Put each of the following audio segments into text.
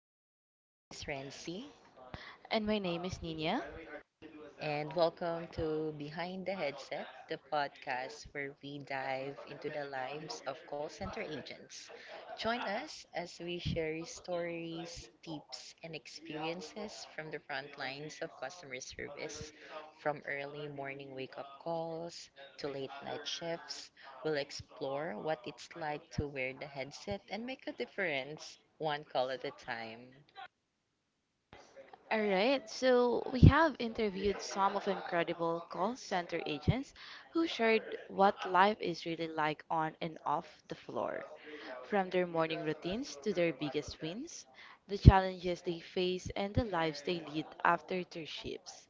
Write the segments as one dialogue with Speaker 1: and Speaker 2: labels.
Speaker 1: guys, my name is Rency
Speaker 2: And my name is Nina.
Speaker 1: and welcome to Behind the Headset, the podcast where we dive into the lives of call center agents. Join us as we share stories, tips, and experiences from the front lines of customer service. From early morning wake up calls to late night shifts, we'll explore what it's like to wear the headset and make a difference one call at a time.
Speaker 2: All right, so we have interviewed some of incredible call center agents who shared what life is really like on and off the floor. From their morning routines to their biggest wins, the challenges they face, and the lives they lead after their shifts.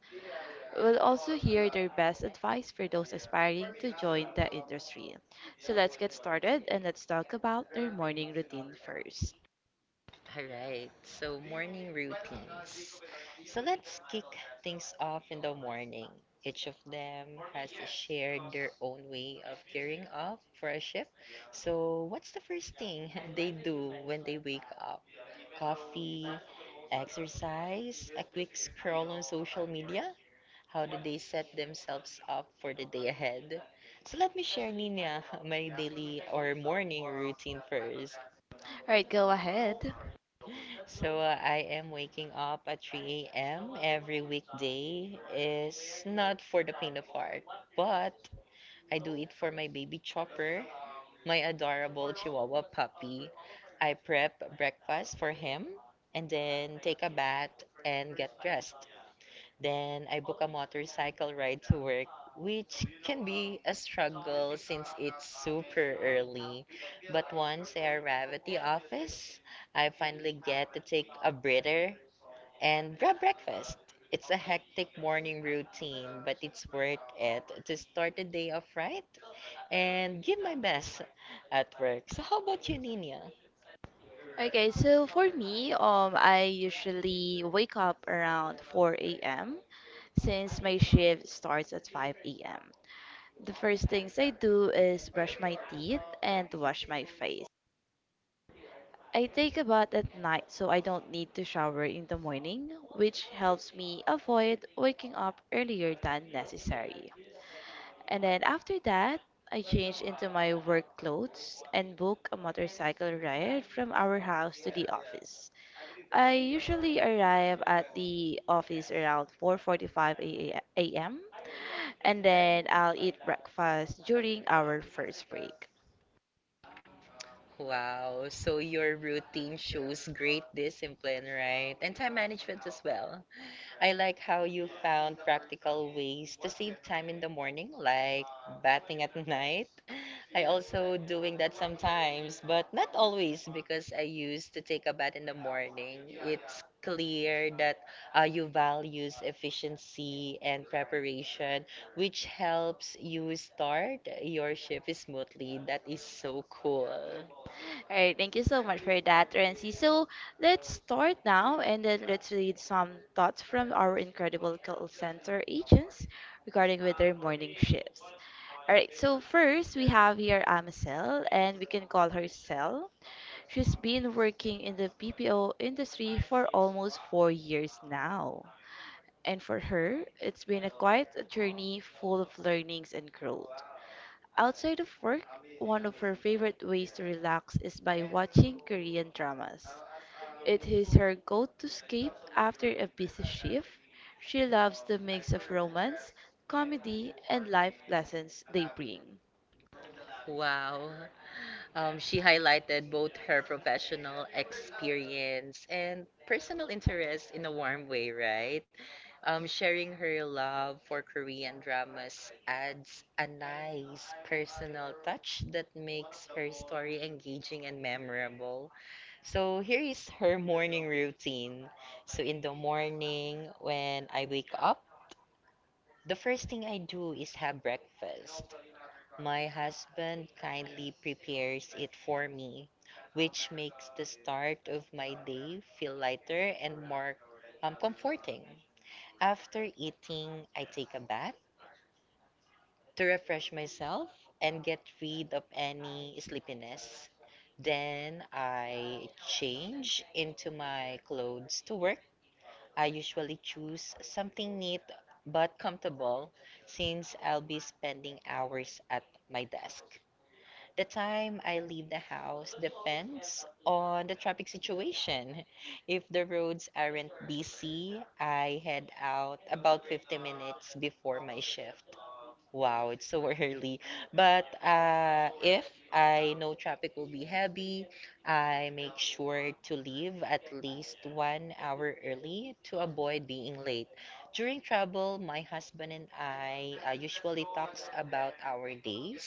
Speaker 2: We'll also hear their best advice for those aspiring to join the industry. So let's get started and let's talk about their morning routine first.
Speaker 1: All right, so morning routines. So let's kick things off in the morning. Each of them has shared their own way of gearing up for a shift. So, what's the first thing they do when they wake up? Coffee, exercise, a quick scroll on social media? How do they set themselves up for the day ahead? So, let me share, Nina, my daily or morning routine first.
Speaker 2: All right, go ahead.
Speaker 1: So I am waking up at 3 a.m. every weekday. Is not for the pain of heart, but I do it for my baby Chopper, my adorable Chihuahua puppy. I prep breakfast for him and then take a bath and get dressed. Then I book a motorcycle ride to work, which can be a struggle since it's super early. But once I arrive at the office, I finally get to take a breather and grab breakfast. It's a hectic morning routine, but it's worth it to start the day off right and give my best at work. So, how about you, Nina?
Speaker 2: Okay, so for me, I usually wake up around 4 a.m. since my shift starts at 5 a.m. The first things I do is brush my teeth and wash my face. I take a bath at night so I don't need to shower in the morning, which helps me avoid waking up earlier than necessary. And then after that, I change into my work clothes and book a motorcycle ride from our house to the office. I usually arrive at the office around 4:45 a.m. and then I'll eat breakfast during our first break.
Speaker 1: Wow. So your routine shows great discipline, right? And time management as well. I like how you found practical ways to save time in the morning, like bathing at night. I also doing that sometimes, but not always because I used to take a bath in the morning. It's clear that you values efficiency and preparation, which helps you start your shift smoothly. That is so cool.
Speaker 2: All right, thank you so much for that, Renzi. So let's start now and then let's read some thoughts from our incredible call center agents regarding with their morning shifts. All right, so first we have here Amsel, and we can call her Sel. She's been working in the BPO industry for almost 4 years now. And for her, it's been a quite a journey full of learnings and growth. Outside of work, one of her favorite ways to relax is by watching Korean dramas. It is her go to escape after a busy shift. She loves the mix of romance, comedy, and life lessons they bring.
Speaker 1: Wow. She highlighted both her professional experience and personal interest in a warm way, right? Sharing her love for Korean dramas adds a nice personal touch that makes her story engaging and memorable. So here is her morning routine. So in the morning, when I wake up, the first thing I do is have breakfast. My husband kindly prepares it for me, which makes the start of my day feel lighter and more comforting. After eating, I take a bath to refresh myself and get rid of any sleepiness. Then I change into my clothes to work. I usually choose something neat but comfortable since I'll be spending hours at my desk. The time I leave the house depends on the traffic situation. If the roads aren't busy, I head out about 50 minutes before my shift. Wow, it's so early. But if I know traffic will be heavy, I make sure to leave at least 1 hour early to avoid being late. During travel, my husband and I usually talks about our days,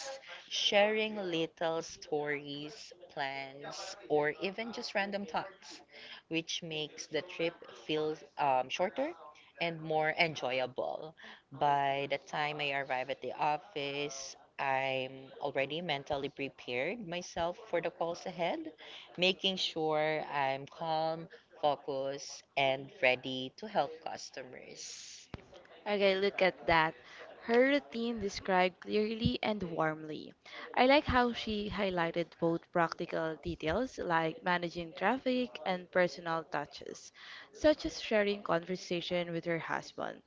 Speaker 1: sharing little stories, plans, or even just random thoughts, which makes the trip feel shorter and more enjoyable. By the time I arrive at the office, I'm already mentally prepared myself for the calls ahead, making sure I'm calm, focused, and ready to help customers.
Speaker 2: Okay, look at that. Her routine described clearly and warmly. I like how she highlighted both practical details like managing traffic and personal touches, such as sharing conversation with her husband.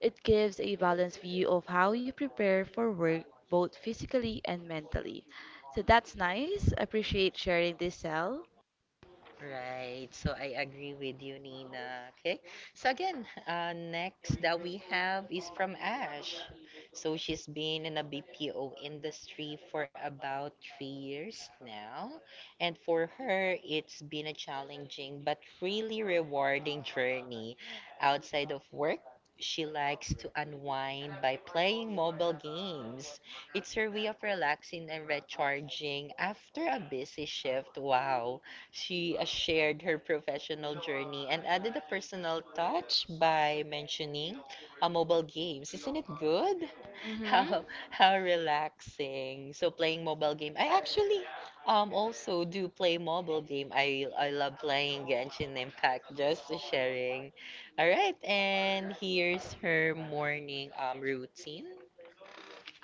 Speaker 2: It gives a balanced view of how you prepare for work both physically and mentally. So that's nice. Appreciate sharing this, Cell.
Speaker 1: Right. So I agree with you, Nina. Okay. So again, next that we have is from Ash. So she's been in a BPO industry for about 3 years now. And for her, it's been a challenging but really rewarding journey outside of work. She likes to unwind by playing mobile games. It's her way of relaxing and recharging after a busy shift. Wow. She shared her professional journey and added a personal touch by mentioning a mobile games. Isn't it good?
Speaker 2: Mm-hmm. Oh,
Speaker 1: How relaxing. So playing mobile game. I actually also do play mobile game. I love playing Genshin Impact just sharing. All right, and here's her morning routine.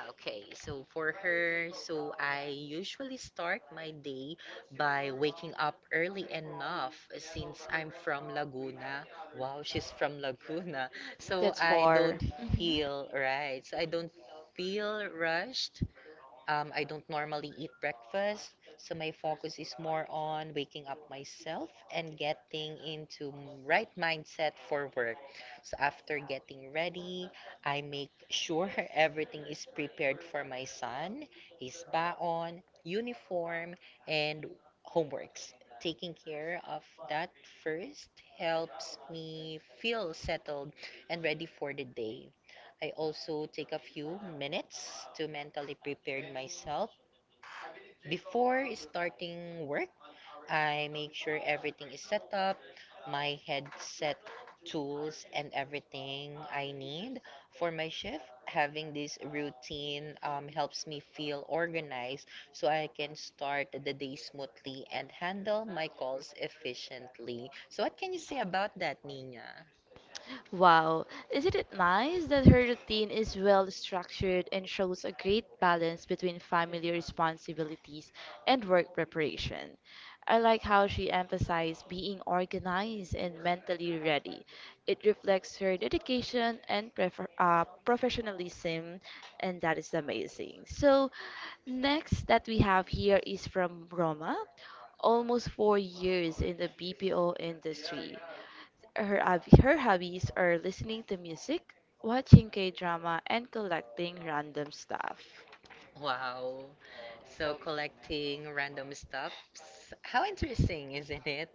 Speaker 1: Okay, so for her, so I usually start my day by waking up early enough since I'm from Laguna. Wow, she's from Laguna.
Speaker 2: so
Speaker 1: So
Speaker 2: that's
Speaker 1: I
Speaker 2: 4.
Speaker 1: don't
Speaker 2: Hmm.
Speaker 1: feel right. So I don't feel rushed I don't normally eat breakfast, so my focus is more on waking up myself and getting into right mindset for work. So after getting ready, I make sure everything is prepared for my son, his baon, uniform, and homeworks. Taking care of that first helps me feel settled and ready for the day. I also take a few minutes to mentally prepare myself. Before starting work, I make sure everything is set up, my headset, tools, and everything I need for my shift. Having this routine helps me feel organized so I can start the day smoothly and handle my calls efficiently. So, what can you say about that, Nina?
Speaker 2: Wow, isn't it nice that her routine is well structured and shows a great balance between family responsibilities and work preparation? I like how she emphasized being organized and mentally ready. It reflects her dedication and professionalism, and that is amazing. So, next that we have here is from Roma, almost 4 years in the BPO industry. Her hobbies are listening to music, watching K drama, and collecting random stuff. Wow.
Speaker 1: Wow. So
Speaker 2: So,
Speaker 1: collecting random stuffs. How interesting, isn't it?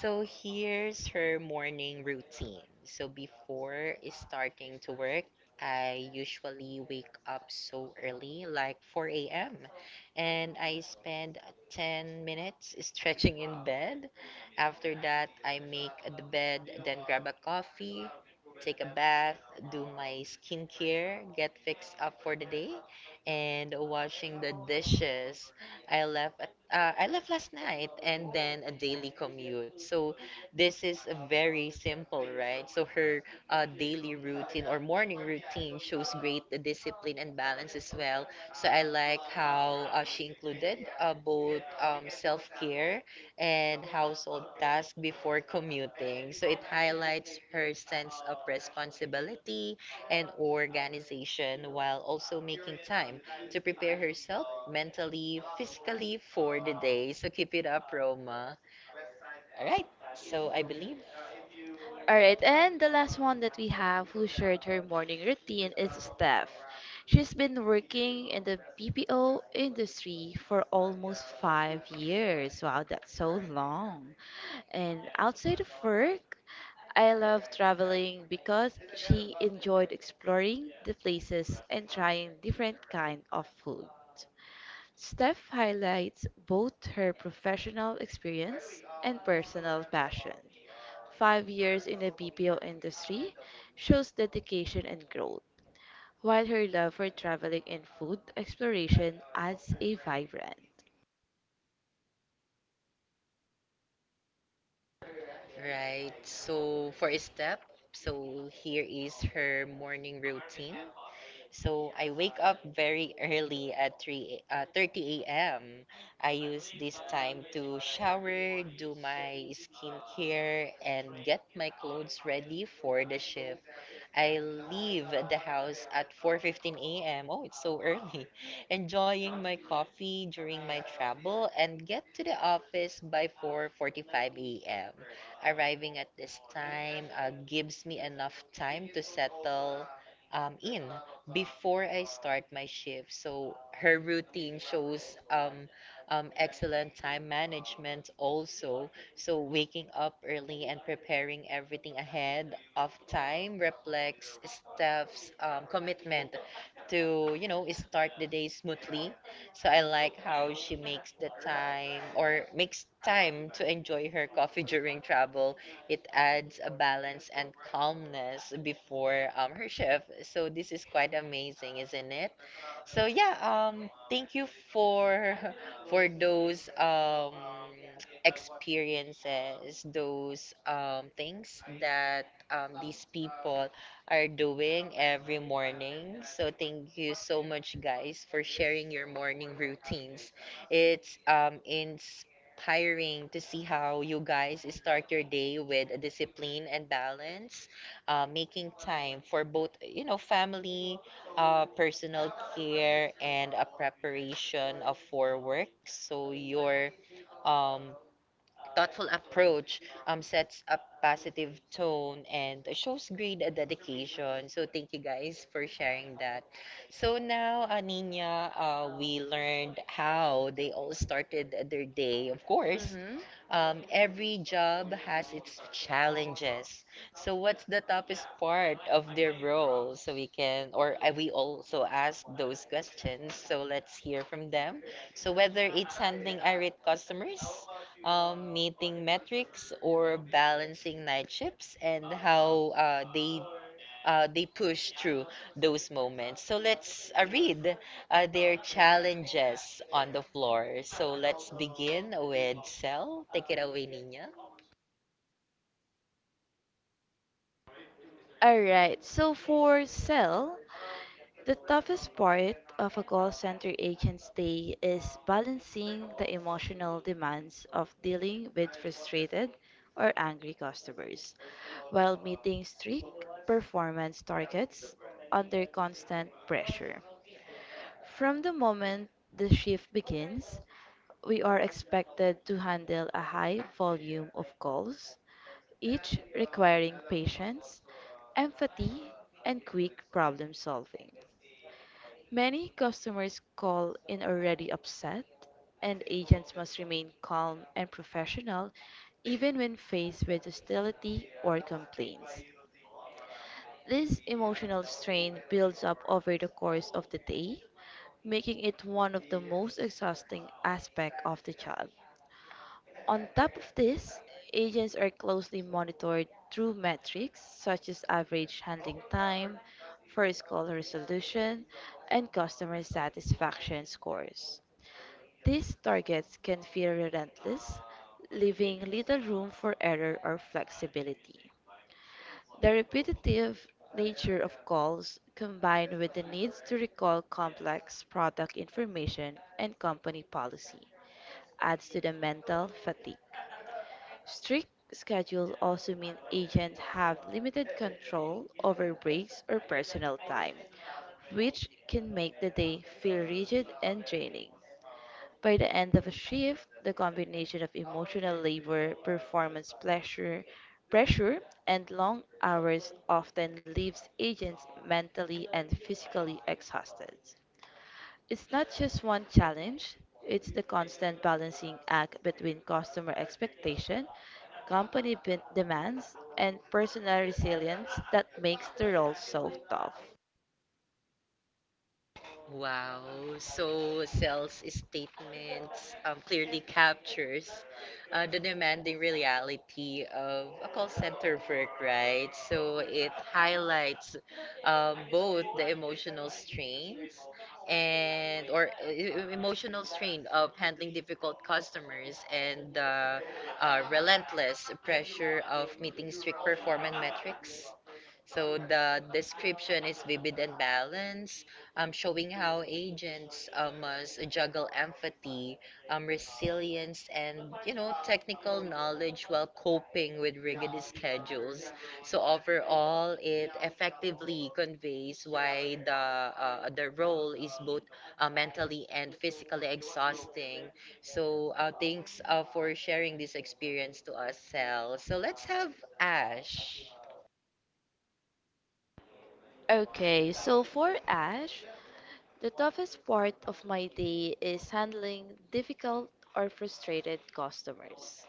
Speaker 1: So here's her morning routine. So before starting to work, I usually wake up so early, like 4 a.m., and I spend 10 minutes stretching in bed. After that, I make the bed, then grab a coffee, take a bath, do my skincare, get fixed up for the day, and washing the dishes. I left at, I left last night and then a daily commute. So this is very simple, right? So her daily routine or morning routine shows great discipline and balance as well. So I like how she included both self-care and household tasks before commuting. So it highlights her sense of responsibility and organization while also making time to prepare herself mentally, physically for the day. So keep it up, Roma. All right. So
Speaker 2: so I
Speaker 1: I
Speaker 2: believe.
Speaker 1: believe.
Speaker 2: All right, and the last one that we have who shared her morning routine is Steph. She's been working in the BPO industry for almost 5 years. Wow, that's so long. And outside of work, I love traveling because she enjoyed exploring the places and trying different kind of food. Steph highlights both her professional experience and personal passion. 5 years in the BPO industry shows dedication and growth, while her love for traveling and food exploration adds a vibrant.
Speaker 1: Right. So for a step, so here is her morning routine. So I wake up very early at 30 a.m. I use this time to shower, do my skincare, and get my clothes ready for the shift. I leave the house at 4:15 a.m. Oh, it's so early. Enjoying my coffee during my travel and get to the office by 4:45 a.m. Arriving at this time gives me enough time to settle in before I start my shift. So her routine shows excellent time management also. So waking up early and preparing everything ahead of time reflects staff's commitment to, you know, start the day smoothly. So I like how she makes the time or makes time to enjoy her coffee during travel. It adds a balance and calmness before her shift. So this is quite amazing, isn't it? So yeah, thank you for for those experiences, those things that these people are doing every morning. So thank you so much, guys, for sharing your morning routines. It's inspiring to see how you guys start your day with discipline and balance, making time for both, you know, family, personal care, and a preparation of for work. So your um, Thoughtful approach sets a positive tone and shows great dedication. So thank you guys for sharing that. So now, Nina, we learned how they all started their day.
Speaker 2: Of
Speaker 1: Of
Speaker 2: course.
Speaker 1: course,
Speaker 2: Mhm.
Speaker 1: every job has its challenges. So, what's the toughest part of their role? So we can, or we also ask those questions. So let's hear from them. So whether it's handling irate customers, meeting metrics, or balancing night shifts, and how they push through those moments. So let's read their challenges on the floor. So let's begin with Cell. Take it away, Nina.
Speaker 2: All right, so for Sel, the toughest part of a call center agent's day is balancing the emotional demands of dealing with frustrated or angry customers while meeting strict performance targets under constant pressure. From the moment the shift begins, we are expected to handle a high volume of calls, each requiring patience, empathy, and quick problem solving. Many customers call in already upset, and agents must remain calm and professional even when faced with hostility or complaints. This emotional strain builds up over the course of the day, making it one of the most exhausting aspects of the job. On top of this, agents are closely monitored through metrics such as average handling time, first call resolution, and customer satisfaction scores. These targets can feel relentless, leaving little room for error or flexibility. The repetitive nature of calls, combined with the needs to recall complex product information and company policy, adds to the mental fatigue. Strict schedules also mean agents have limited control over breaks or personal time, which can make the day feel rigid and draining. By the end of a shift, the combination of emotional labor, performance pressure, and long hours often leaves agents mentally and physically exhausted. It's not just one challenge, it's the constant balancing act between customer expectation, demands, and personal resilience that makes the role so tough.
Speaker 1: Wow. So Cell's statements clearly captures the demanding reality of a call center work, right? So it highlights both the emotional strains and or emotional strain of handling difficult customers and the relentless pressure of meeting strict performance metrics. So the description is vivid and balanced, showing how agents must juggle empathy, resilience, and you know technical knowledge while coping with rigid schedules. So overall, it effectively conveys why the role is both mentally and physically exhausting. So thanks for sharing this experience to us, Sel. So let's have Ash.
Speaker 2: Okay, so for Ash, the toughest part of my day is handling difficult or frustrated customers.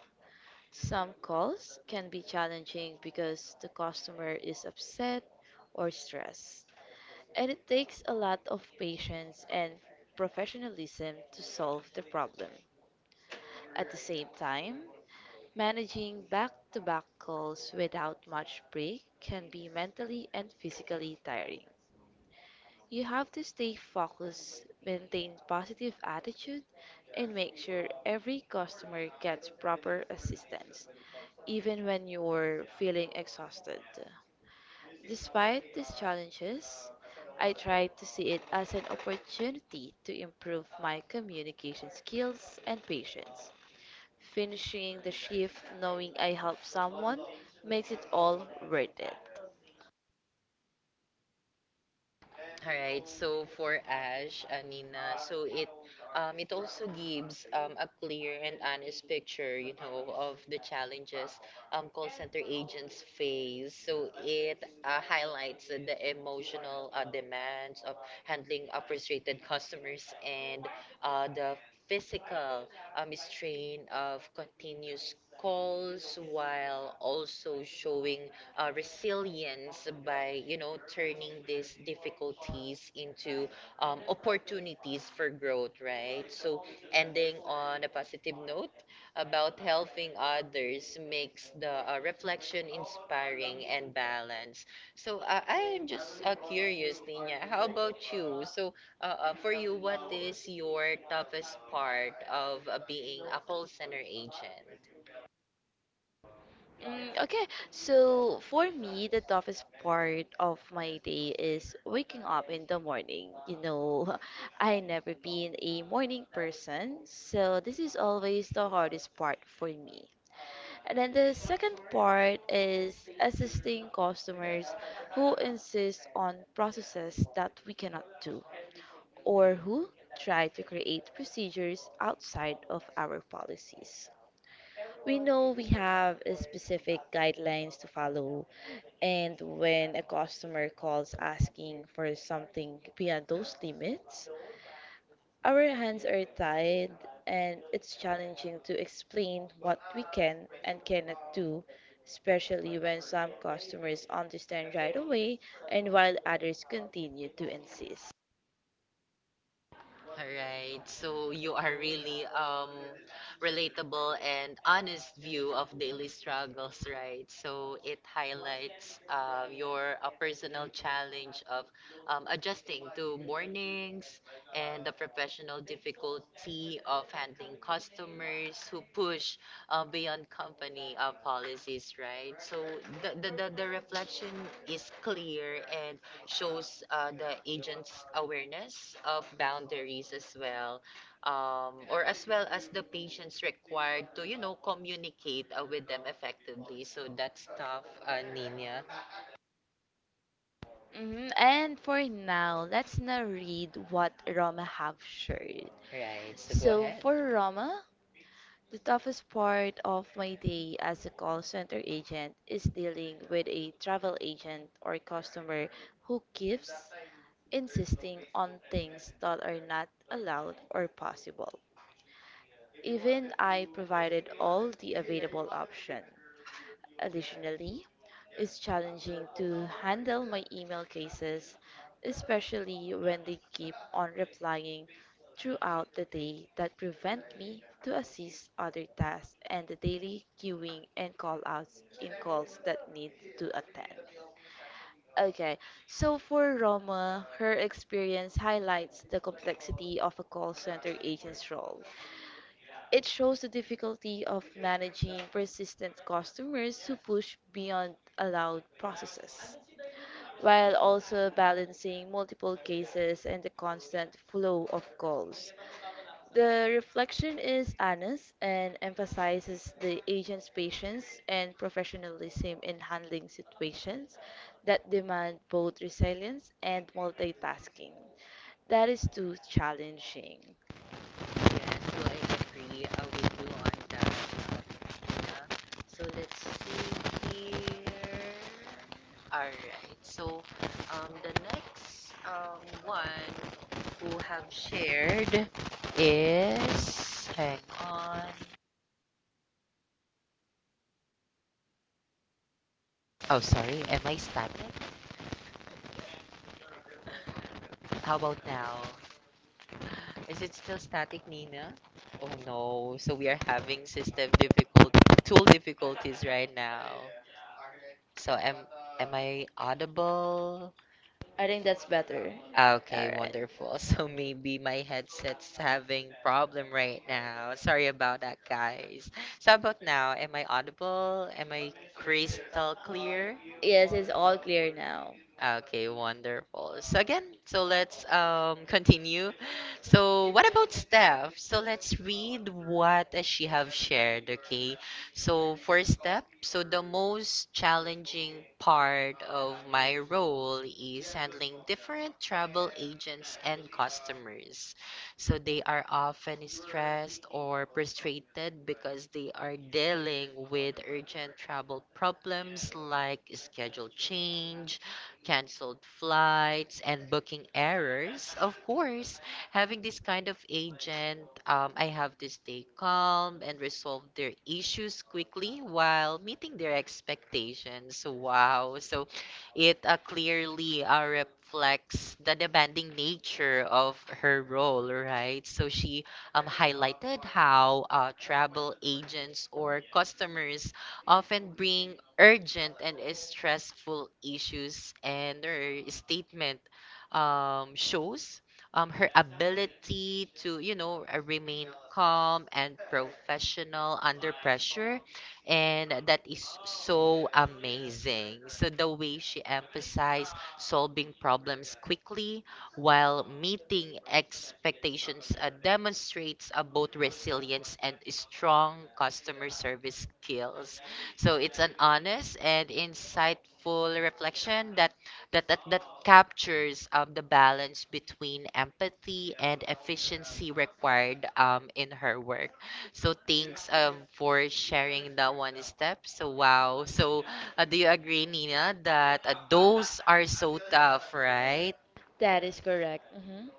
Speaker 2: Some calls can be challenging because the customer is upset or stressed, and it takes a lot of patience and professionalism to solve the problem. At the same time, managing back to back calls without much break can be mentally and physically tiring. You have to stay focused, maintain positive attitude, and make sure every customer gets proper assistance, even when you're feeling exhausted. Despite these challenges, I try to see it as an opportunity to improve my communication skills and patience. Finishing the shift knowing I helped someone makes it all worth it.
Speaker 1: All right. So for Ash, Nina, so it also gives a clear and honest picture, you know, of the challenges call center agents face. So it highlights the emotional demands of handling frustrated customers and the physical strain of continuous calls while also showing resilience by you know turning these difficulties into opportunities for growth, right? So ending on a positive note about helping others makes the reflection inspiring and balanced. So I am just curious, Tina, how about you? So for you, what is your toughest part of being a call center agent?
Speaker 2: Okay, so for me, the toughest part of my day is waking up in the morning. You know, I never been a morning person, so this is always the hardest part for me. And then the second part is assisting customers who insist on processes that we cannot do or who try to create procedures outside of our policies. We know we have a specific guidelines to follow and when a customer calls asking for something beyond those limits, our hands are tied, and it's challenging to explain what we can and cannot do, especially when some customers understand right away and while others continue to insist.
Speaker 1: All right. So you are really relatable and honest view of daily struggles, right? So it highlights your personal challenge of adjusting to mornings and the professional difficulty of handling customers who push beyond company policies, right? So the reflection is clear and shows the agent's awareness of boundaries as well, or as well as the patient's required to, you know, communicate with them effectively. So that's tough, Nina.
Speaker 2: Mhm. And for now, let's now read what Roma have shared.
Speaker 1: Right, so go
Speaker 2: So
Speaker 1: ahead.
Speaker 2: for Roma, the toughest part of my day as a call center agent is dealing with a travel agent or customer who keeps insisting on things that are not allowed or possible. Even I provided all the available options. Additionally, it's challenging to handle my email cases, especially when they keep on replying throughout the day that prevent me to assist other tasks and the daily queuing and call outs in calls that need to attend. Okay, so for Roma, her experience highlights the complexity of a call center agent's role. It shows the difficulty of managing persistent customers who push beyond allowed processes, while also balancing multiple cases and the constant flow of calls. The reflection is honest and emphasizes the agent's patience and professionalism in handling situations that demand both resilience and multitasking. That is too challenging.
Speaker 1: Yes, so I agree. With you on that, so let's see here. All right. So the next one who have shared is. Hang on. Oh, sorry. Am I static? How about now? Is it still static, Nina? Oh no. So we are having system difficult tool difficulties right now. So am I audible?
Speaker 2: I think that's better.
Speaker 1: Ah, okay,
Speaker 2: Alright.
Speaker 1: wonderful. So maybe my headset's having problem right now. Sorry about that, guys. So how about now? Am I audible? Am I crystal clear?
Speaker 2: Yes, it's all clear now.
Speaker 1: Okay, wonderful. So again, so let's continue. So what about Steph? So let's read what she have shared, okay? So for Steph, so the most challenging part of my role is handling different travel agents and customers. So they are often stressed or frustrated because they are dealing with urgent travel problems like schedule change, canceled flights, and booking errors. Of course, having this kind of agent, I have to stay calm and resolve their issues quickly while meeting their expectations. Wow. So it clearly reflects the demanding nature of her role, right? So she highlighted how travel agents or customers often bring urgent and stressful issues, and her statement shows her ability to, you know, remain calm and professional under pressure, and that is so amazing. So the way she emphasized solving problems quickly while meeting expectations demonstrates both resilience and strong customer service skills. So it's an honest and insightful reflection that that captures the balance between empathy and efficiency required in her work. So thanks for sharing that one step. So wow. So do you agree, Nina, that those are so tough, right?
Speaker 2: That is correct. Hmm.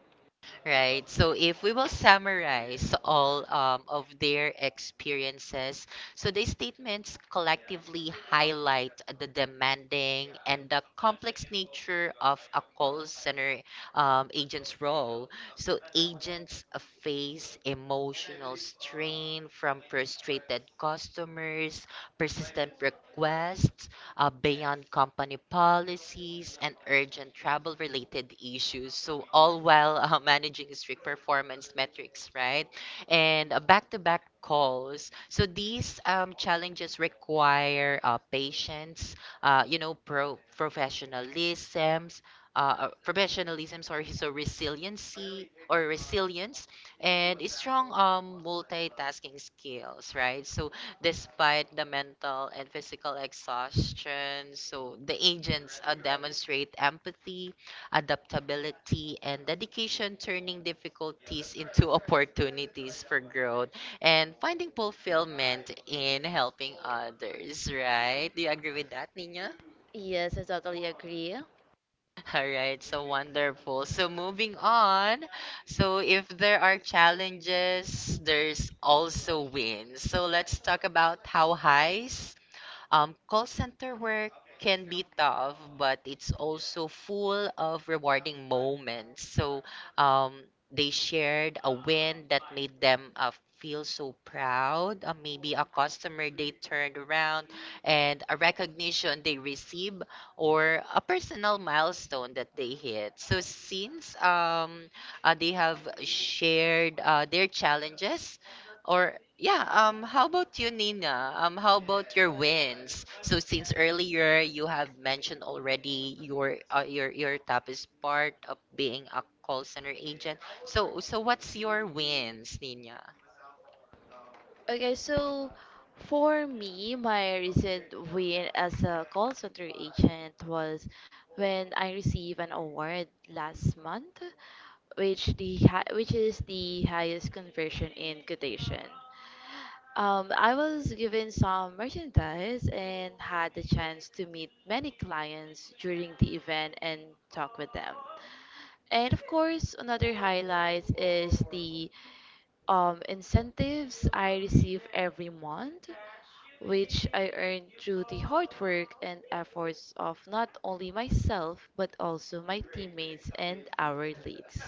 Speaker 1: Right. So if we will summarize all of their experiences, so these statements collectively highlight the demanding and the complex nature of a call center agent's role. So agents face emotional strain from frustrated customers, persistent requests, beyond company policies and urgent travel related issues. So, all while managing strict performance metrics, right? And back to back calls. So, these challenges require patience, you know, professionalisms. Professionalism, sorry, so resiliency or resilience and strong multitasking skills, right? So despite the mental and physical exhaustion, so the agents demonstrate empathy, adaptability, and dedication, turning difficulties into opportunities for growth and finding fulfillment in helping others, right? Do you agree with that, Nina?
Speaker 2: Yes, I totally agree.
Speaker 1: All right, so wonderful. So moving on, so if there are challenges, there's also wins. So let's talk about how highs call center work can be tough, but it's also full of rewarding moments. So um, they shared a win that made them feel so proud. Maybe a customer they turned around and a recognition they receive or a personal milestone that they hit. So since they have shared their challenges, or yeah, how about you, Nina? How about your wins? So since earlier you have mentioned already your your top is part of being a call center agent. So so what's your wins, Nina?
Speaker 2: Okay, so for me, my recent win as a call center agent was when I received an award last month, which is the highest conversion in quotation. I was given some merchandise and had the chance to meet many clients during the event and talk with them. And of course, another highlight is the incentives I receive every month, which I earn through the hard work and efforts of not only myself but also my teammates and our leads.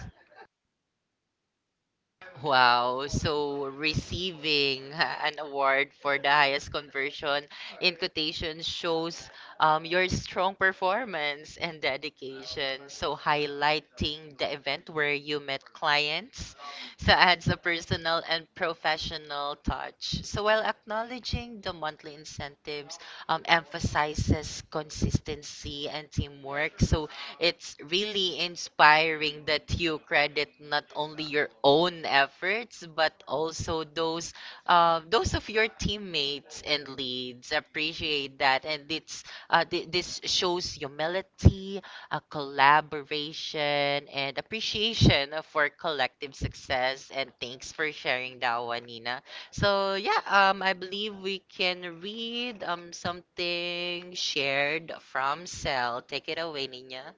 Speaker 1: Wow, so receiving an award for the highest conversion in quotation shows your strong performance and dedication. So highlighting the event where you met clients, so adds a personal and professional touch. So while acknowledging the monthly incentives, emphasizes consistency and teamwork. So it's really inspiring that you credit not only your own efforts but also those of your teammates and leads. Appreciate that, and it's this shows humility, collaboration, and appreciation for collective success. And thanks for sharing that one, Nina. So yeah, I believe we can read something shared from Cell. Take it away, Nina.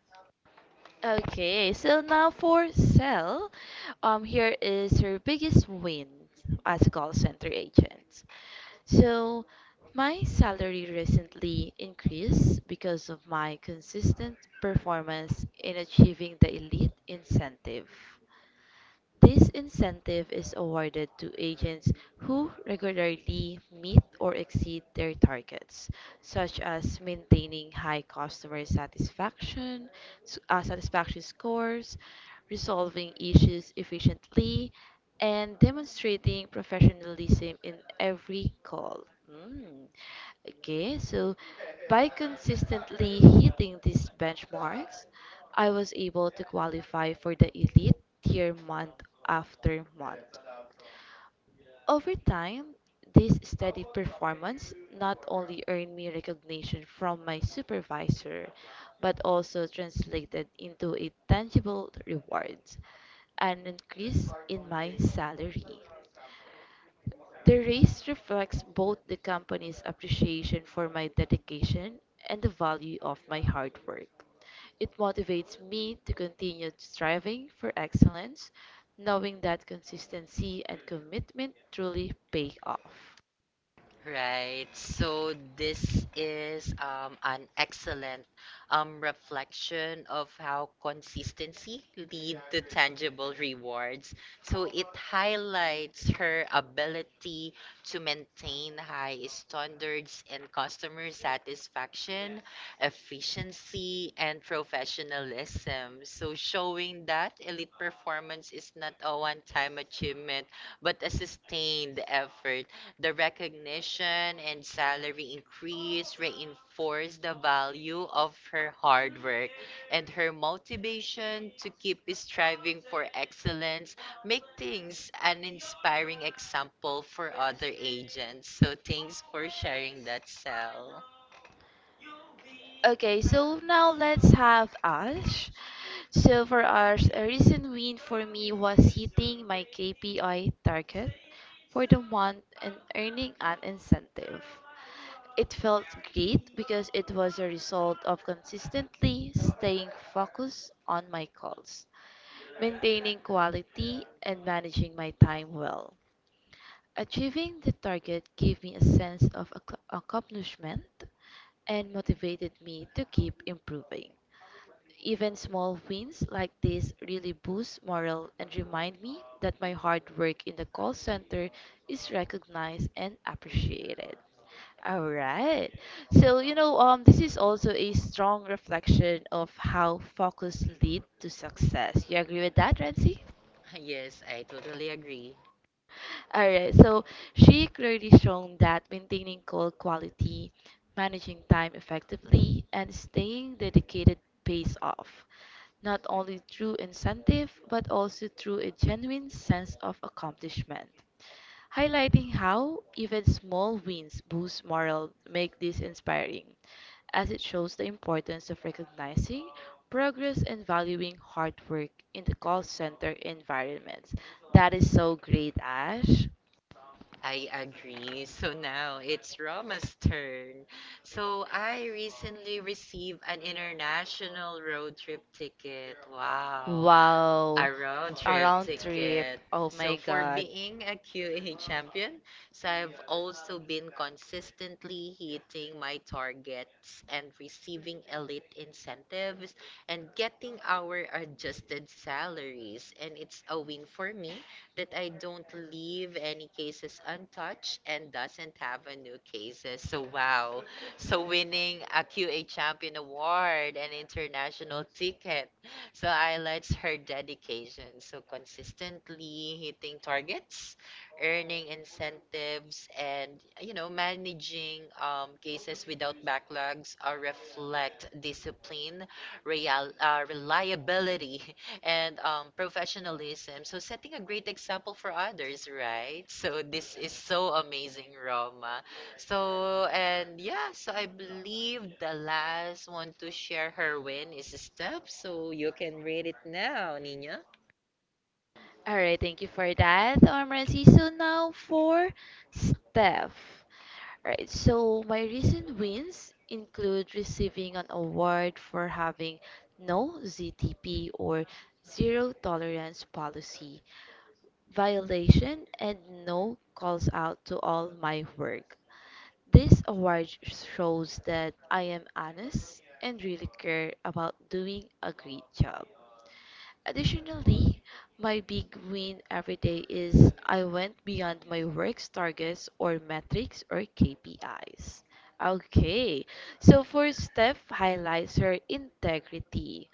Speaker 2: Okay, so now for Sel, here is her biggest win as a call center agent. So, my salary recently increased because of my consistent performance in achieving the elite incentive. This incentive is awarded to agents who regularly meet or exceed their targets, such as maintaining high customer satisfaction, satisfaction scores, resolving issues efficiently, and demonstrating professionalism in every call. Mm. Okay, so by consistently hitting these benchmarks, I was able to qualify for the elite tier month after month. Over time, this steady performance not only earned me recognition from my supervisor, but also translated into a tangible reward, an increase in my salary. The raise reflects both the company's appreciation for my dedication and the value of my hard work. It motivates me to continue striving for excellence, knowing that consistency and commitment truly pay off.
Speaker 1: Right. So this is an excellent reflection of how consistency lead to tangible rewards. So it highlights her ability to maintain high standards in customer satisfaction, efficiency, and professionalism. So showing that elite performance is not a one-time achievement, but a sustained effort, the recognition and salary increase reinforced the value of her hard work, and her motivation to keep striving for excellence make things an inspiring example for other agents. So thanks for sharing that, Sal.
Speaker 2: Okay, so now let's have Ash. So for Ash, a recent win for me was hitting my KPI target for the month and earning an incentive. It felt great because it was a result of consistently staying focused on my calls, maintaining quality, and managing my time well. Achieving the target gave me a sense of accomplishment and motivated me to keep improving. Even small wins like this really boost morale and remind me that my hard work in the call center is recognized and appreciated. All right. So, you know, this is also a strong reflection of how focus lead to success. You agree with that, Renzi?
Speaker 1: Yes, I totally agree.
Speaker 2: All right, so she clearly shown that maintaining call quality, managing time effectively, and staying dedicated pays off, not only through incentive, but also through a genuine sense of accomplishment highlighting how even small wins boost morale make this inspiring, as it shows the importance of recognizing progress and valuing hard work in the call center environments. That is so great, Ash.
Speaker 1: I agree. So now it's Roma's turn. So I recently received an international road trip ticket. Wow.
Speaker 2: Wow.
Speaker 1: A road
Speaker 2: A
Speaker 1: trip
Speaker 2: round trip.
Speaker 1: ticket.
Speaker 2: Oh
Speaker 1: So
Speaker 2: my
Speaker 1: for
Speaker 2: god.
Speaker 1: being a QA champion, so I've also been consistently hitting my targets and receiving elite incentives and getting our adjusted salaries and it's a win for me that I don't leave any cases untouched and doesn't have a new cases. So wow. So winning a QA Champion Award and international ticket. So highlights her dedication. So consistently hitting targets, earning incentives and you know managing cases without backlogs reflect discipline, reliability and professionalism. So setting a great example for others, right? So this is so amazing, Roma. So and yeah, so I believe the last one to share her win is Steph. So you can read it now, Nina.
Speaker 2: Alright, thank you for that, Omrancy. So now for Steph. Right, so my recent wins include receiving an award for having no ZTP or zero tolerance policy violation and no calls out to all my work. This award shows that I am honest and really care about doing a great job. Additionally, my big win every day is I went beyond my work's targets or metrics or KPIs. Okay, so for Steph highlights her integrity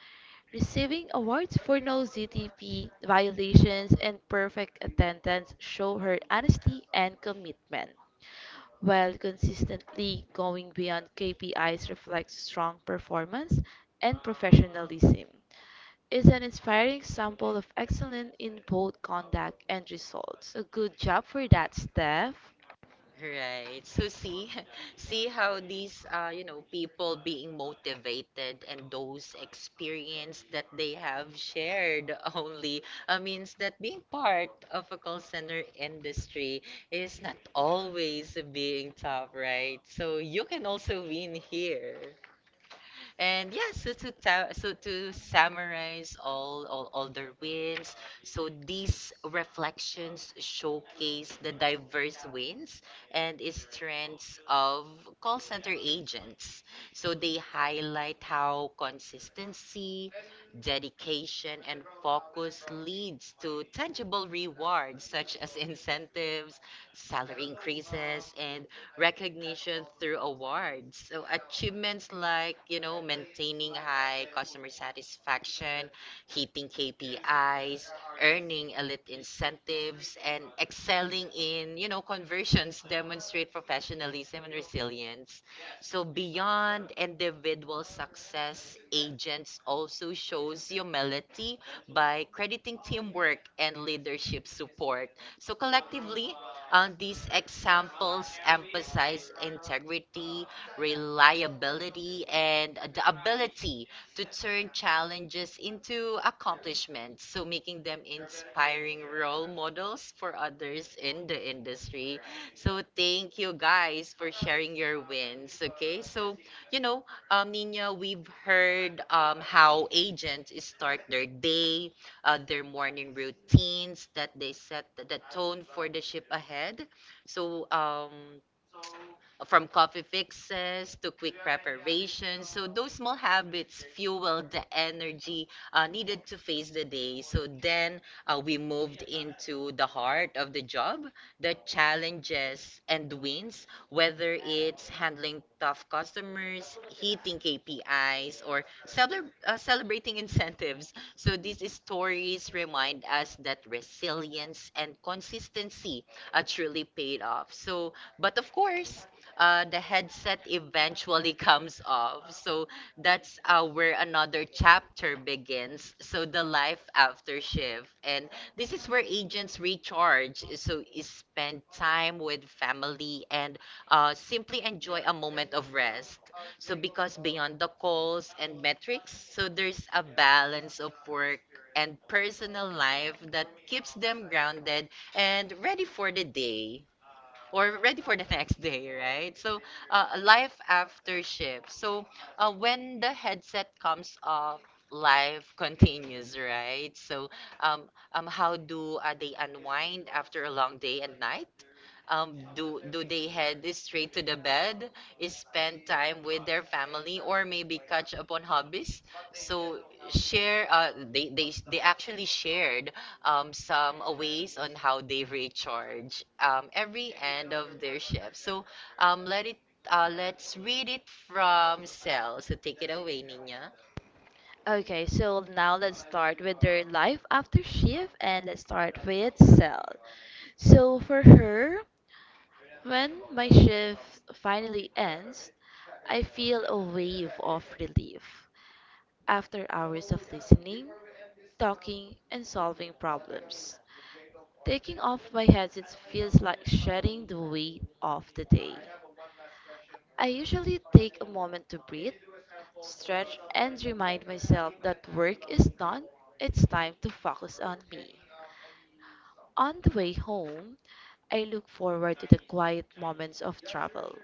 Speaker 2: receiving awards for no ZTP violations and perfect attendance show her honesty and commitment. While consistently going beyond KPIs reflects strong performance and professionalism is an inspiring example of excellence in both conduct and results. So good job for that, Steph.
Speaker 1: Right. So see, see how these you know, people being motivated and those experience that they have shared only means that being part of a call center industry is not always being top, right? So you can also win here. And yeah, so so to summarize all their wins, so these reflections showcase the diverse wins and strengths of call center agents. So they highlight how consistency, dedication, and focus leads to tangible rewards such as incentives, salary increases, and recognition through awards. So achievements like, you know, maintaining high customer satisfaction, hitting KPIs, earning elite incentives, and excelling in, you know, conversions demonstrate professionalism and resilience. So beyond individual success, agents also shows humility by crediting teamwork and leadership support. So collectively, these examples emphasize integrity, reliability, and the ability to turn challenges into accomplishments, so making them inspiring role models for others in the industry. So thank you guys for sharing your wins. Okay, so you know, Nina, we've heard how agents start their day, their morning routines, that they set the tone for the ship ahead. So from coffee fixes to quick preparations, so those small habits fuel the energy needed to face the day. So then we moved into the heart of the job, the challenges and wins, whether it's handling tough customers, hitting KPIs, or celebrating incentives. So these stories remind us that resilience and consistency truly paid off. So, but of course, the headset eventually comes off. So that's where another chapter begins. So the life after shift. And this is where agents recharge. So is spend time with family and simply enjoy a moment of rest. So because beyond the calls and metrics, so there's a balance of work and personal life that keeps them grounded and ready for the day or ready for the next day, right? So, life after shift. So, when the headset comes off, life continues, right? So, how do they unwind after a long day and night? Do they head straight to the bed, is spend time with their family, or maybe catch up on hobbies? So share. They actually shared some ways on how they recharge every end of their shift. So let it. Let's read it from Cell. So take it away, Nina.
Speaker 2: Okay, so now let's start with their life after shift and let's start with Cell. So for her, when my shift finally ends, I feel a wave of relief after hours of listening, talking, and solving problems. Taking off my headset feels like shedding the weight of the day. I usually take a moment to breathe, stretch, and remind myself that work is done, it's time to focus on me. On the way home, I look forward to the quiet moments of travel.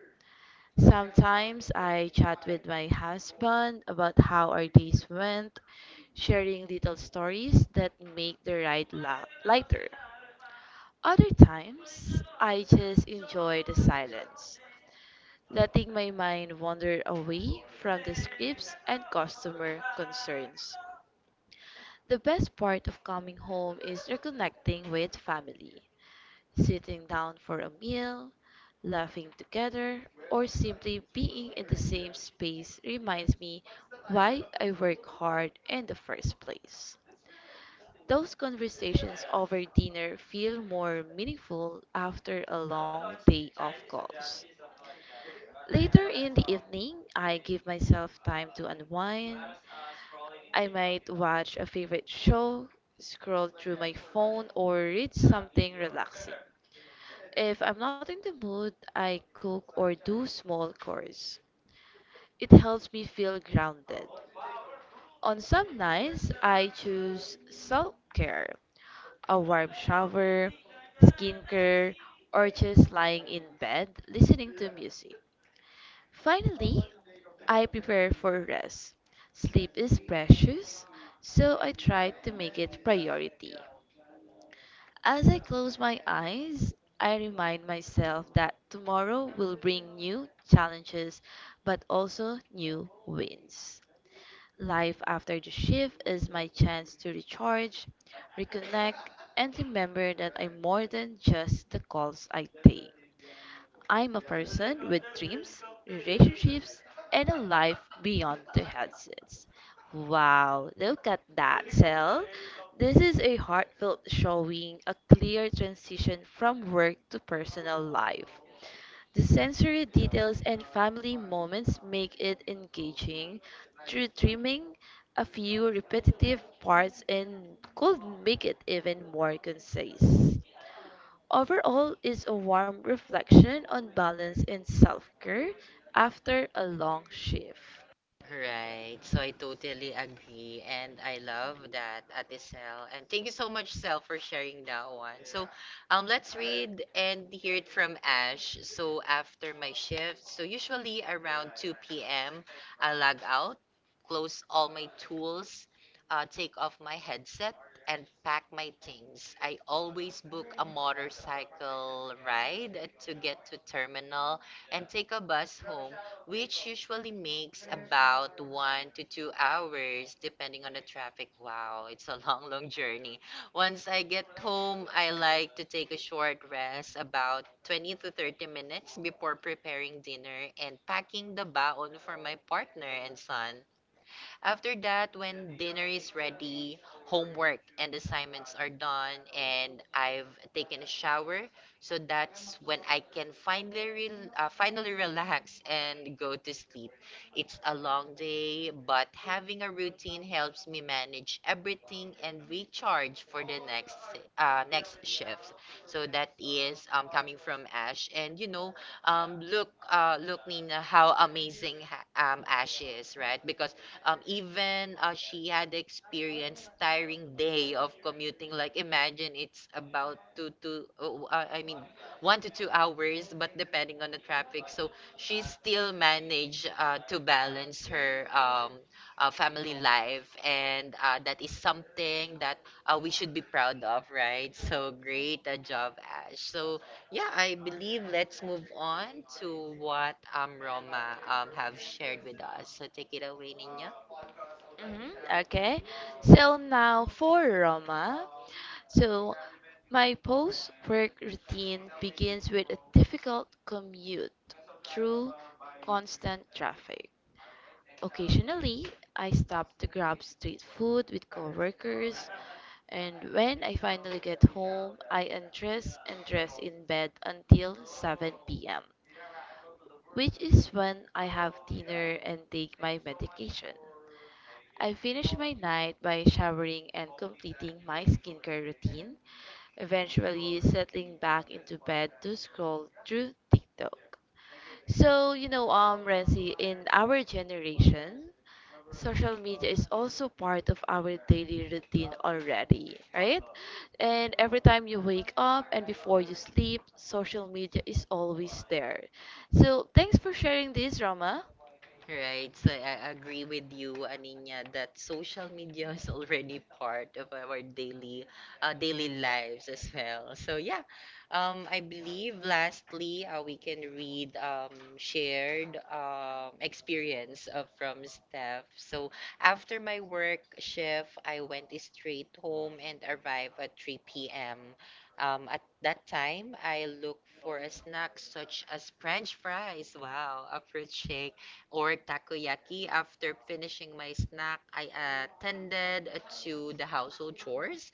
Speaker 2: Sometimes I chat with my husband about how our days went, sharing little stories that make the lighter. Other times, I just enjoy the silence, letting my mind wander away from the scripts and customer concerns. The best part of coming home is reconnecting with family, sitting down for a meal, laughing together, or simply being in the same space reminds me why I work hard in the first place. Those conversations over dinner feel more meaningful after a long day of calls. Later in the evening, I give myself time to unwind. I might watch a favorite show, scroll through my phone, or read something relaxing. If I'm not in the mood, I cook or do small chores. It helps me feel grounded. On some nights, I choose self care, a warm shower, skincare, or just lying in bed listening to music. Finally, I prepare for rest. Sleep is precious, so I try to make it priority. As I close my eyes, I remind myself that tomorrow will bring new challenges but also new wins. Life after the shift is my chance to recharge, reconnect, and remember that I'm more than just the calls I take. I'm a person with dreams, relationships, and a life beyond the headsets. Wow, look at that, Cell. This is a heartfelt showing a clear transition from work to personal life. The sensory details and family moments make it engaging. Through trimming a few repetitive parts and could make it even more concise. Overall is a warm reflection on balance and self-care after a long shift.
Speaker 1: Right. So I totally agree and I love that Ate Sel. And thank you so much Sel for sharing that one. So let's read and hear it from Ash. So after my shift, so usually around 2 p.m. I log out, close all my tools, take off my headset and pack my things. I always book a motorcycle ride to get to terminal and take a bus home which usually makes about 1 to 2 hours, depending on the traffic. Wow, it's a long, long journey. Once I get home, I like to take a short rest, about 20 to 30 minutes before preparing dinner and packing the baon for my partner and son. After that, when dinner is ready, homework and assignments are done, and I've taken a shower, so that's when I can finally relax and go to sleep. It's a long day, but having a routine helps me manage everything and recharge for the next shift. So that is coming from Ash, and you know, look, look, Nina, how amazing Ash is, right? Because even she had experienced tiring day of commuting. Like imagine it's about two to I mean 1 to 2 hours, but depending on the traffic. So she still managed to balance her family life, and that is something that we should be proud of, right? So great a job, Ash. So yeah, I believe let's move on to what Roma have shared with us. So take it away, Nina.
Speaker 2: hmm Okay. So now for Roma. So my post work routine begins with a difficult commute through constant traffic. Occasionally, I stop to grab street food with coworkers, and when I finally get home, I undress and dress in bed until 7 p.m., which is when I have dinner and take my medication. I finish my night by showering and completing my skincare routine, eventually settling back into bed to scroll through TikTok. So, Renzi, in our generation, social media is also part of our daily routine already, right? And every time you wake up and before you sleep, social media is always there. So, thanks for sharing this, Rama.
Speaker 1: Right, so I agree with you, Aninya, that social media is already part of our daily lives as well. So yeah, I believe lastly, we can read shared experience from Steph. So after my work shift, I went straight home and arrived at 3 p.m. At that time, I looked for a snack such as French fries. Wow, a fruit shake or takoyaki. After finishing my snack, I attended to the household chores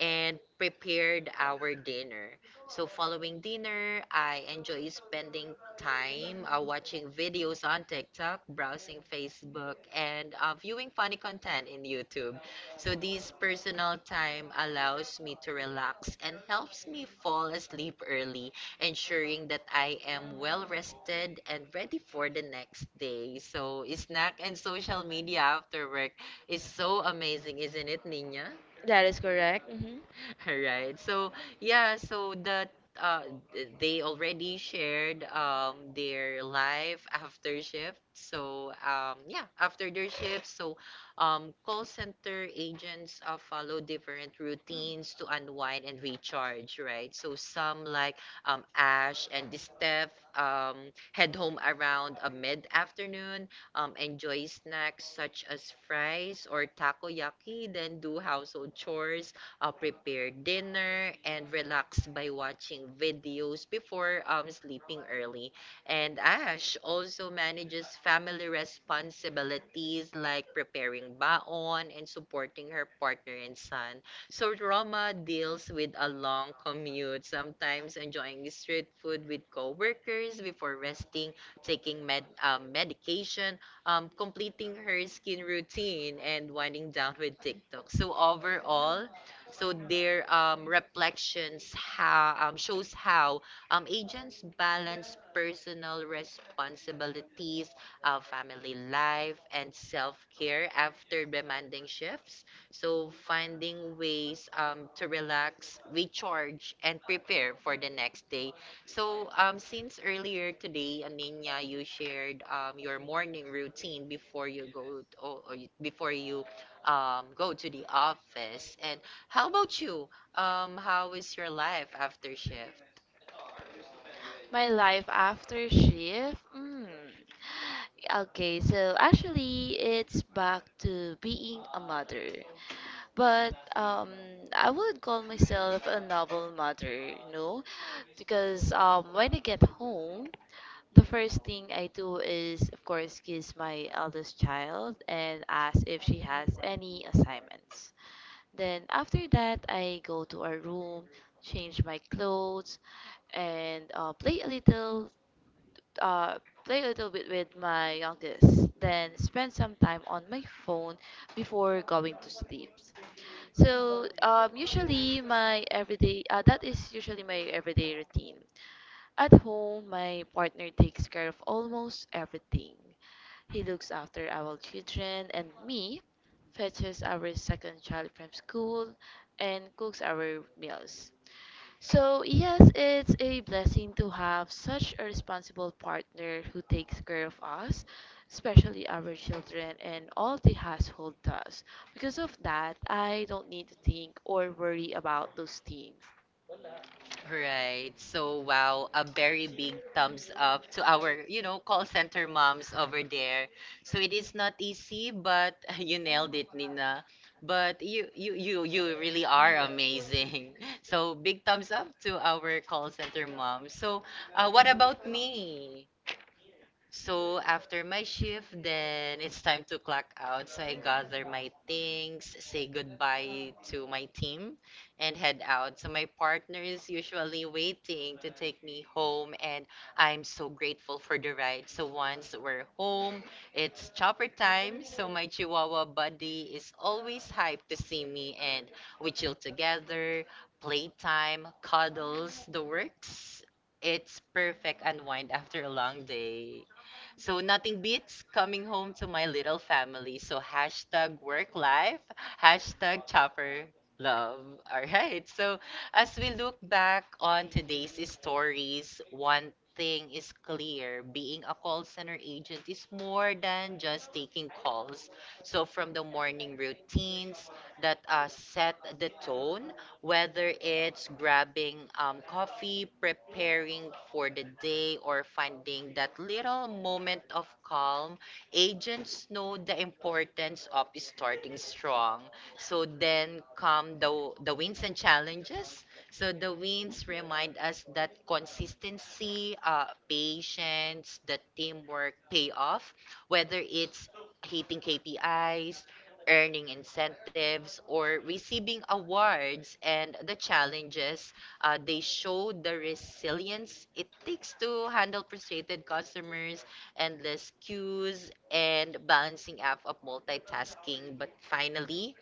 Speaker 1: and prepared our dinner. So, following dinner, I enjoy spending time watching videos on TikTok, browsing Facebook, and viewing funny content in YouTube. So, this personal time allows me to relax and helps me fall asleep early, ensuring that I am well rested and ready for the next day. So, snack and social media after work is so amazing, isn't it, Nina?
Speaker 2: That is correct.
Speaker 1: All right. So yeah, so they already shared their life after shift. So yeah, after their shift, so call center agents follow different routines to unwind and recharge, right? So some like Ash and Steph head home around a mid-afternoon, enjoy snacks such as fries or takoyaki, then do household chores, prepare dinner, and relax by watching videos before sleeping early. And Ash also manages family responsibilities like preparing baon and supporting her partner and son. So Roma deals with a long commute, sometimes enjoying street food with coworkers before resting, taking medication, completing her skin routine, and winding down with TikTok. So overall, so their reflections shows how agents balance personal responsibilities, family life, and self-care after demanding shifts. So finding ways to relax, recharge, and prepare for the next day. So since earlier today, Aninya, you shared your morning routine before you go to, or you- before you go to the office. And how about you? How is your life after shift?
Speaker 2: My life after shift? Mm. Okay, so actually it's back to being a mother. But I would call myself a novel mother, no? Because when I get home, the first thing I do is of course kiss my eldest child and ask if she has any assignments. Then after that I go to our room, change my clothes, and uh, play a little bit with my youngest, then spend some time on my phone before going to sleep. Usually my everyday that is usually my everyday routine. At home, my partner takes care of almost everything. He looks after our children and me, fetches our second child from school, and cooks our meals. So, yes, it's a blessing to have such a responsible partner who takes care of us, especially our children and all the household tasks. Because of that, I don't need to think or worry about those things.
Speaker 1: Right. So wow, a very big thumbs up to our, you know, call center moms over there. So it is not easy, but you nailed it, Nina. But you really are amazing. So big
Speaker 2: Thumbs
Speaker 1: thumbs up
Speaker 2: up.
Speaker 1: to our call center moms.
Speaker 2: So,
Speaker 1: So what
Speaker 2: what
Speaker 1: about
Speaker 2: about me?
Speaker 1: me? So after my shift, then it's time to clock out. So I gather my things, say goodbye to my team, and head out. So my partner is usually waiting to take me home, and I'm so grateful for the ride. So once we're home, it's chopper time. So my Chihuahua buddy is always hyped to see me, and we chill together, playtime, cuddles, the works. It's perfect unwind after a long day. So nothing beats coming home to my little family. So hashtag work life, hashtag chopper love. All right. So as we look back on today's stories, one thing is clear. Being a call center agent is more than just taking calls. So from the morning routines that set the tone, whether it's grabbing coffee, preparing for the day, or finding that little moment of calm, agents know the importance of starting strong. So then come the wins and challenges. So the wins remind us that consistency, patience, the teamwork pay off, whether it's hitting KPIs, earning incentives, or receiving awards and the challenges. They show the resilience it takes to handle frustrated customers, endless queues, and balancing act of multitasking. But finally,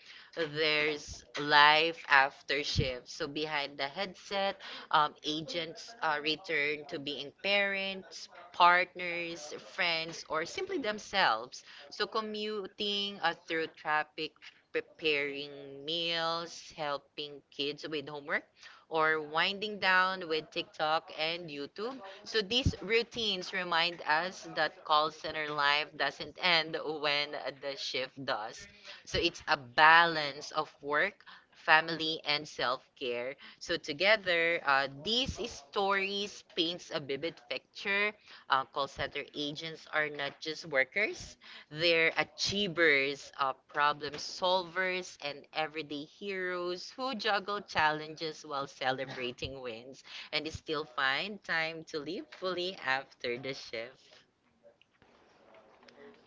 Speaker 1: there's life after shift. So behind the headset, agents return to being parents, partners, friends, or simply themselves. So commuting through traffic, preparing meals, helping kids with homework, or winding down with TikTok and YouTube. So these routines remind us that call center life doesn't end when the shift does. So it's a balance of work, family, and self-care. So together, these stories paints a vivid picture, call center agents are not just workers, they're achievers, problem solvers, and everyday heroes who juggle challenges while celebrating wins and still find time to live fully after the shift.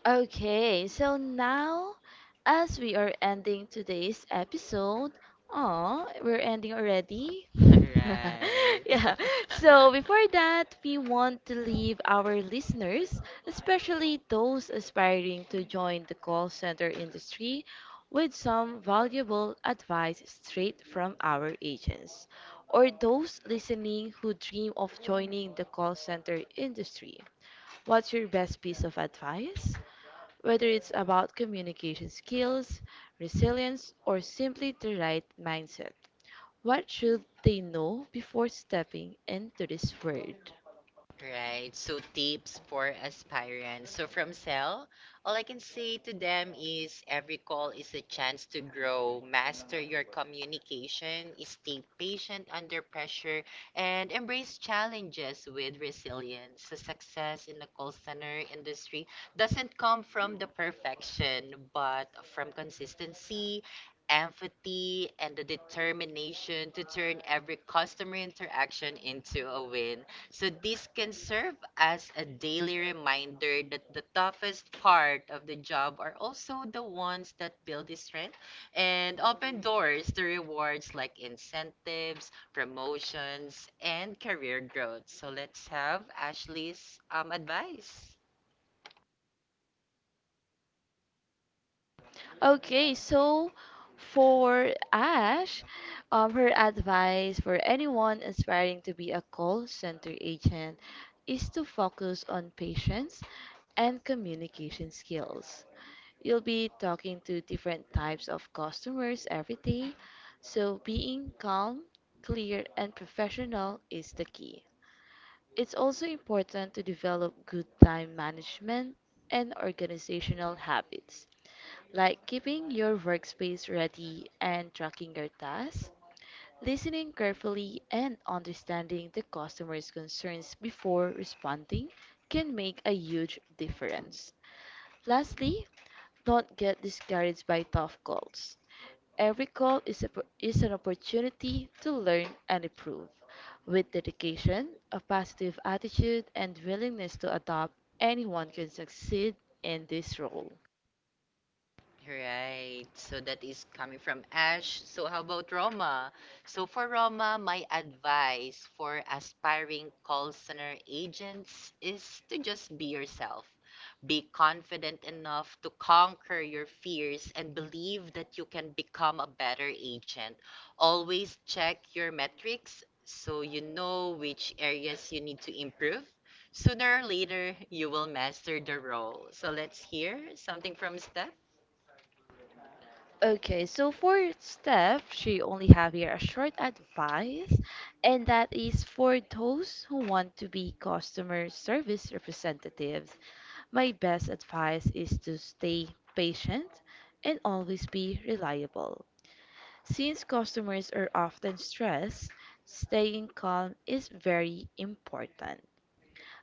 Speaker 2: Okay, so now, as we are ending today's episode, oh, we're ending already?
Speaker 1: All right.
Speaker 2: yeah. So before that, we want to leave our listeners, especially those aspiring to join the call center industry, with some valuable advice straight from our agents, or those listening who dream of joining the call center industry. What's your best piece of advice? Whether it's about communication skills, resilience, or simply the right mindset, what should they know before stepping into this world?
Speaker 1: Right. So tips for aspirants. So from Cell, all I can say to them is every call is a chance to grow, master your communication, stay patient under pressure, and embrace challenges with resilience. So success in the call center industry doesn't come from the perfection, but from consistency, empathy, and the determination to turn every customer interaction into a win. So this can serve as a daily reminder that the toughest part of the job are also the ones that build the strength and open doors to rewards like incentives, promotions, and career growth. So let's have Ashley's advice.
Speaker 2: Okay, so for Ash, her advice for anyone aspiring to be a call center agent is to focus on patience and communication skills. You'll be talking to different types of customers every day, so being calm, clear, and professional is the key. It's also important to develop good time management and organizational habits, like keeping your workspace ready and tracking your tasks, listening carefully, and understanding the customer's concerns before responding can make a huge difference. Lastly, not get discouraged by tough calls. Every call is, a, is an opportunity to learn and improve. With dedication, a positive attitude, and willingness to adopt, anyone can succeed in this role.
Speaker 1: Right. So that is coming from Ash. So how about Roma? So for Roma, my advice for aspiring call center agents is to just be yourself. Be confident enough to conquer your fears and believe that you can become a better agent. Always check your metrics so you know which areas you need to improve. Sooner or later, you will master the role. So let's hear something from Steph.
Speaker 2: Okay, so for Steph, she only have here a short advice, and that is for those who want to be customer service representatives. My best advice is to stay patient and always be reliable. Since customers are often stressed, staying calm is very important.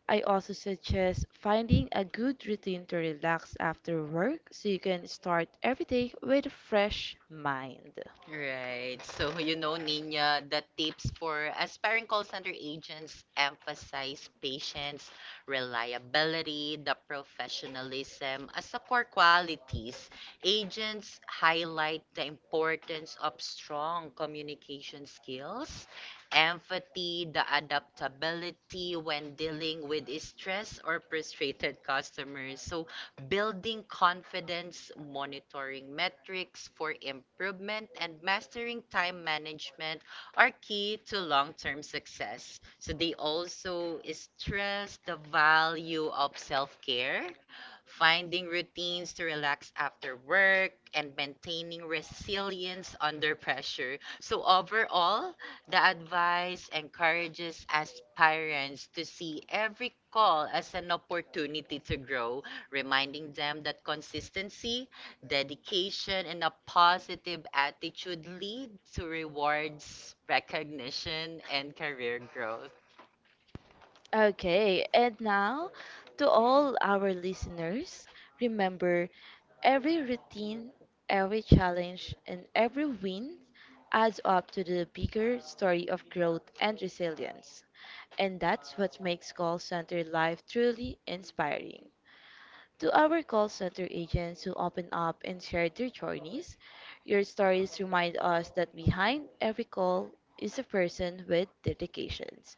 Speaker 2: I also suggest finding a good routine to relax after work so you can start every day with a fresh mind.
Speaker 1: Right. So, you know, Nina, the tips for aspiring call center agents emphasize patience, reliability, the professionalism as the core qualities. Agents highlight the importance of strong communication skills, empathy, the adaptability when dealing with stress or frustrated customers. So, building confidence, monitoring metrics for improvement, and mastering time management are key to long term success. So, they also stress the value of self care, finding routines to relax after work, and maintaining resilience under pressure. So, overall, the advice encourages aspirants to see every call as an opportunity to grow, reminding them that consistency, dedication, and a positive attitude lead to rewards, recognition, and career growth.
Speaker 2: Okay, and now to all our listeners, remember every routine, every challenge, and every win adds up to the bigger story of growth and resilience. And that's what makes call center life truly inspiring to our call center agents who open up and share their journeys. Your stories remind us that behind every call is a person with dedications,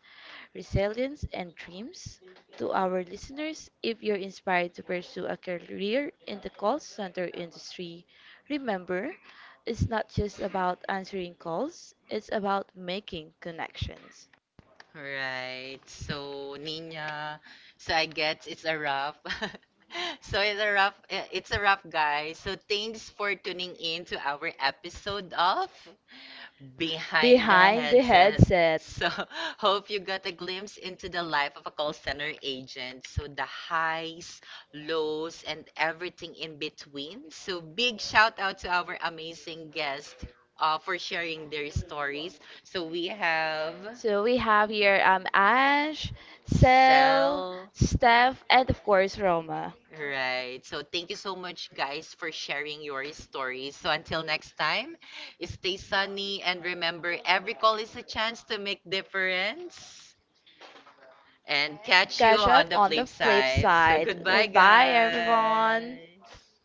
Speaker 2: resilience, and dreams. To our listeners, if you're inspired to pursue a career in the call center industry, remember it's not just about answering calls, it's about making connections.
Speaker 1: Right. So, Nina, so I guess it's a wrap. So it's a wrap. It's a wrap, guys. So thanks for tuning in to our episode of
Speaker 2: Behind the
Speaker 1: Behind the
Speaker 2: behind the
Speaker 1: Headset.
Speaker 2: headset.
Speaker 1: So, hope you got a glimpse into the life of a call center agent. So, the highs, lows, and everything in between. So, big shout out to our amazing guest for sharing their stories. So, we have
Speaker 2: Love. So we have here Ash, Sel,
Speaker 1: Sel.
Speaker 2: Steph, and of course Roma. Right.
Speaker 1: Right. So, thank you so much, guys, for sharing your stories. So, until next time, stay sunny and remember every call is a chance to make difference. And catch you
Speaker 2: Catch you
Speaker 1: on
Speaker 2: Catch
Speaker 1: the
Speaker 2: on up the
Speaker 1: flip
Speaker 2: flip
Speaker 1: side. So
Speaker 2: side. side.
Speaker 1: goodbye,
Speaker 2: Goodbye, Bye guys. Everyone.
Speaker 1: guys.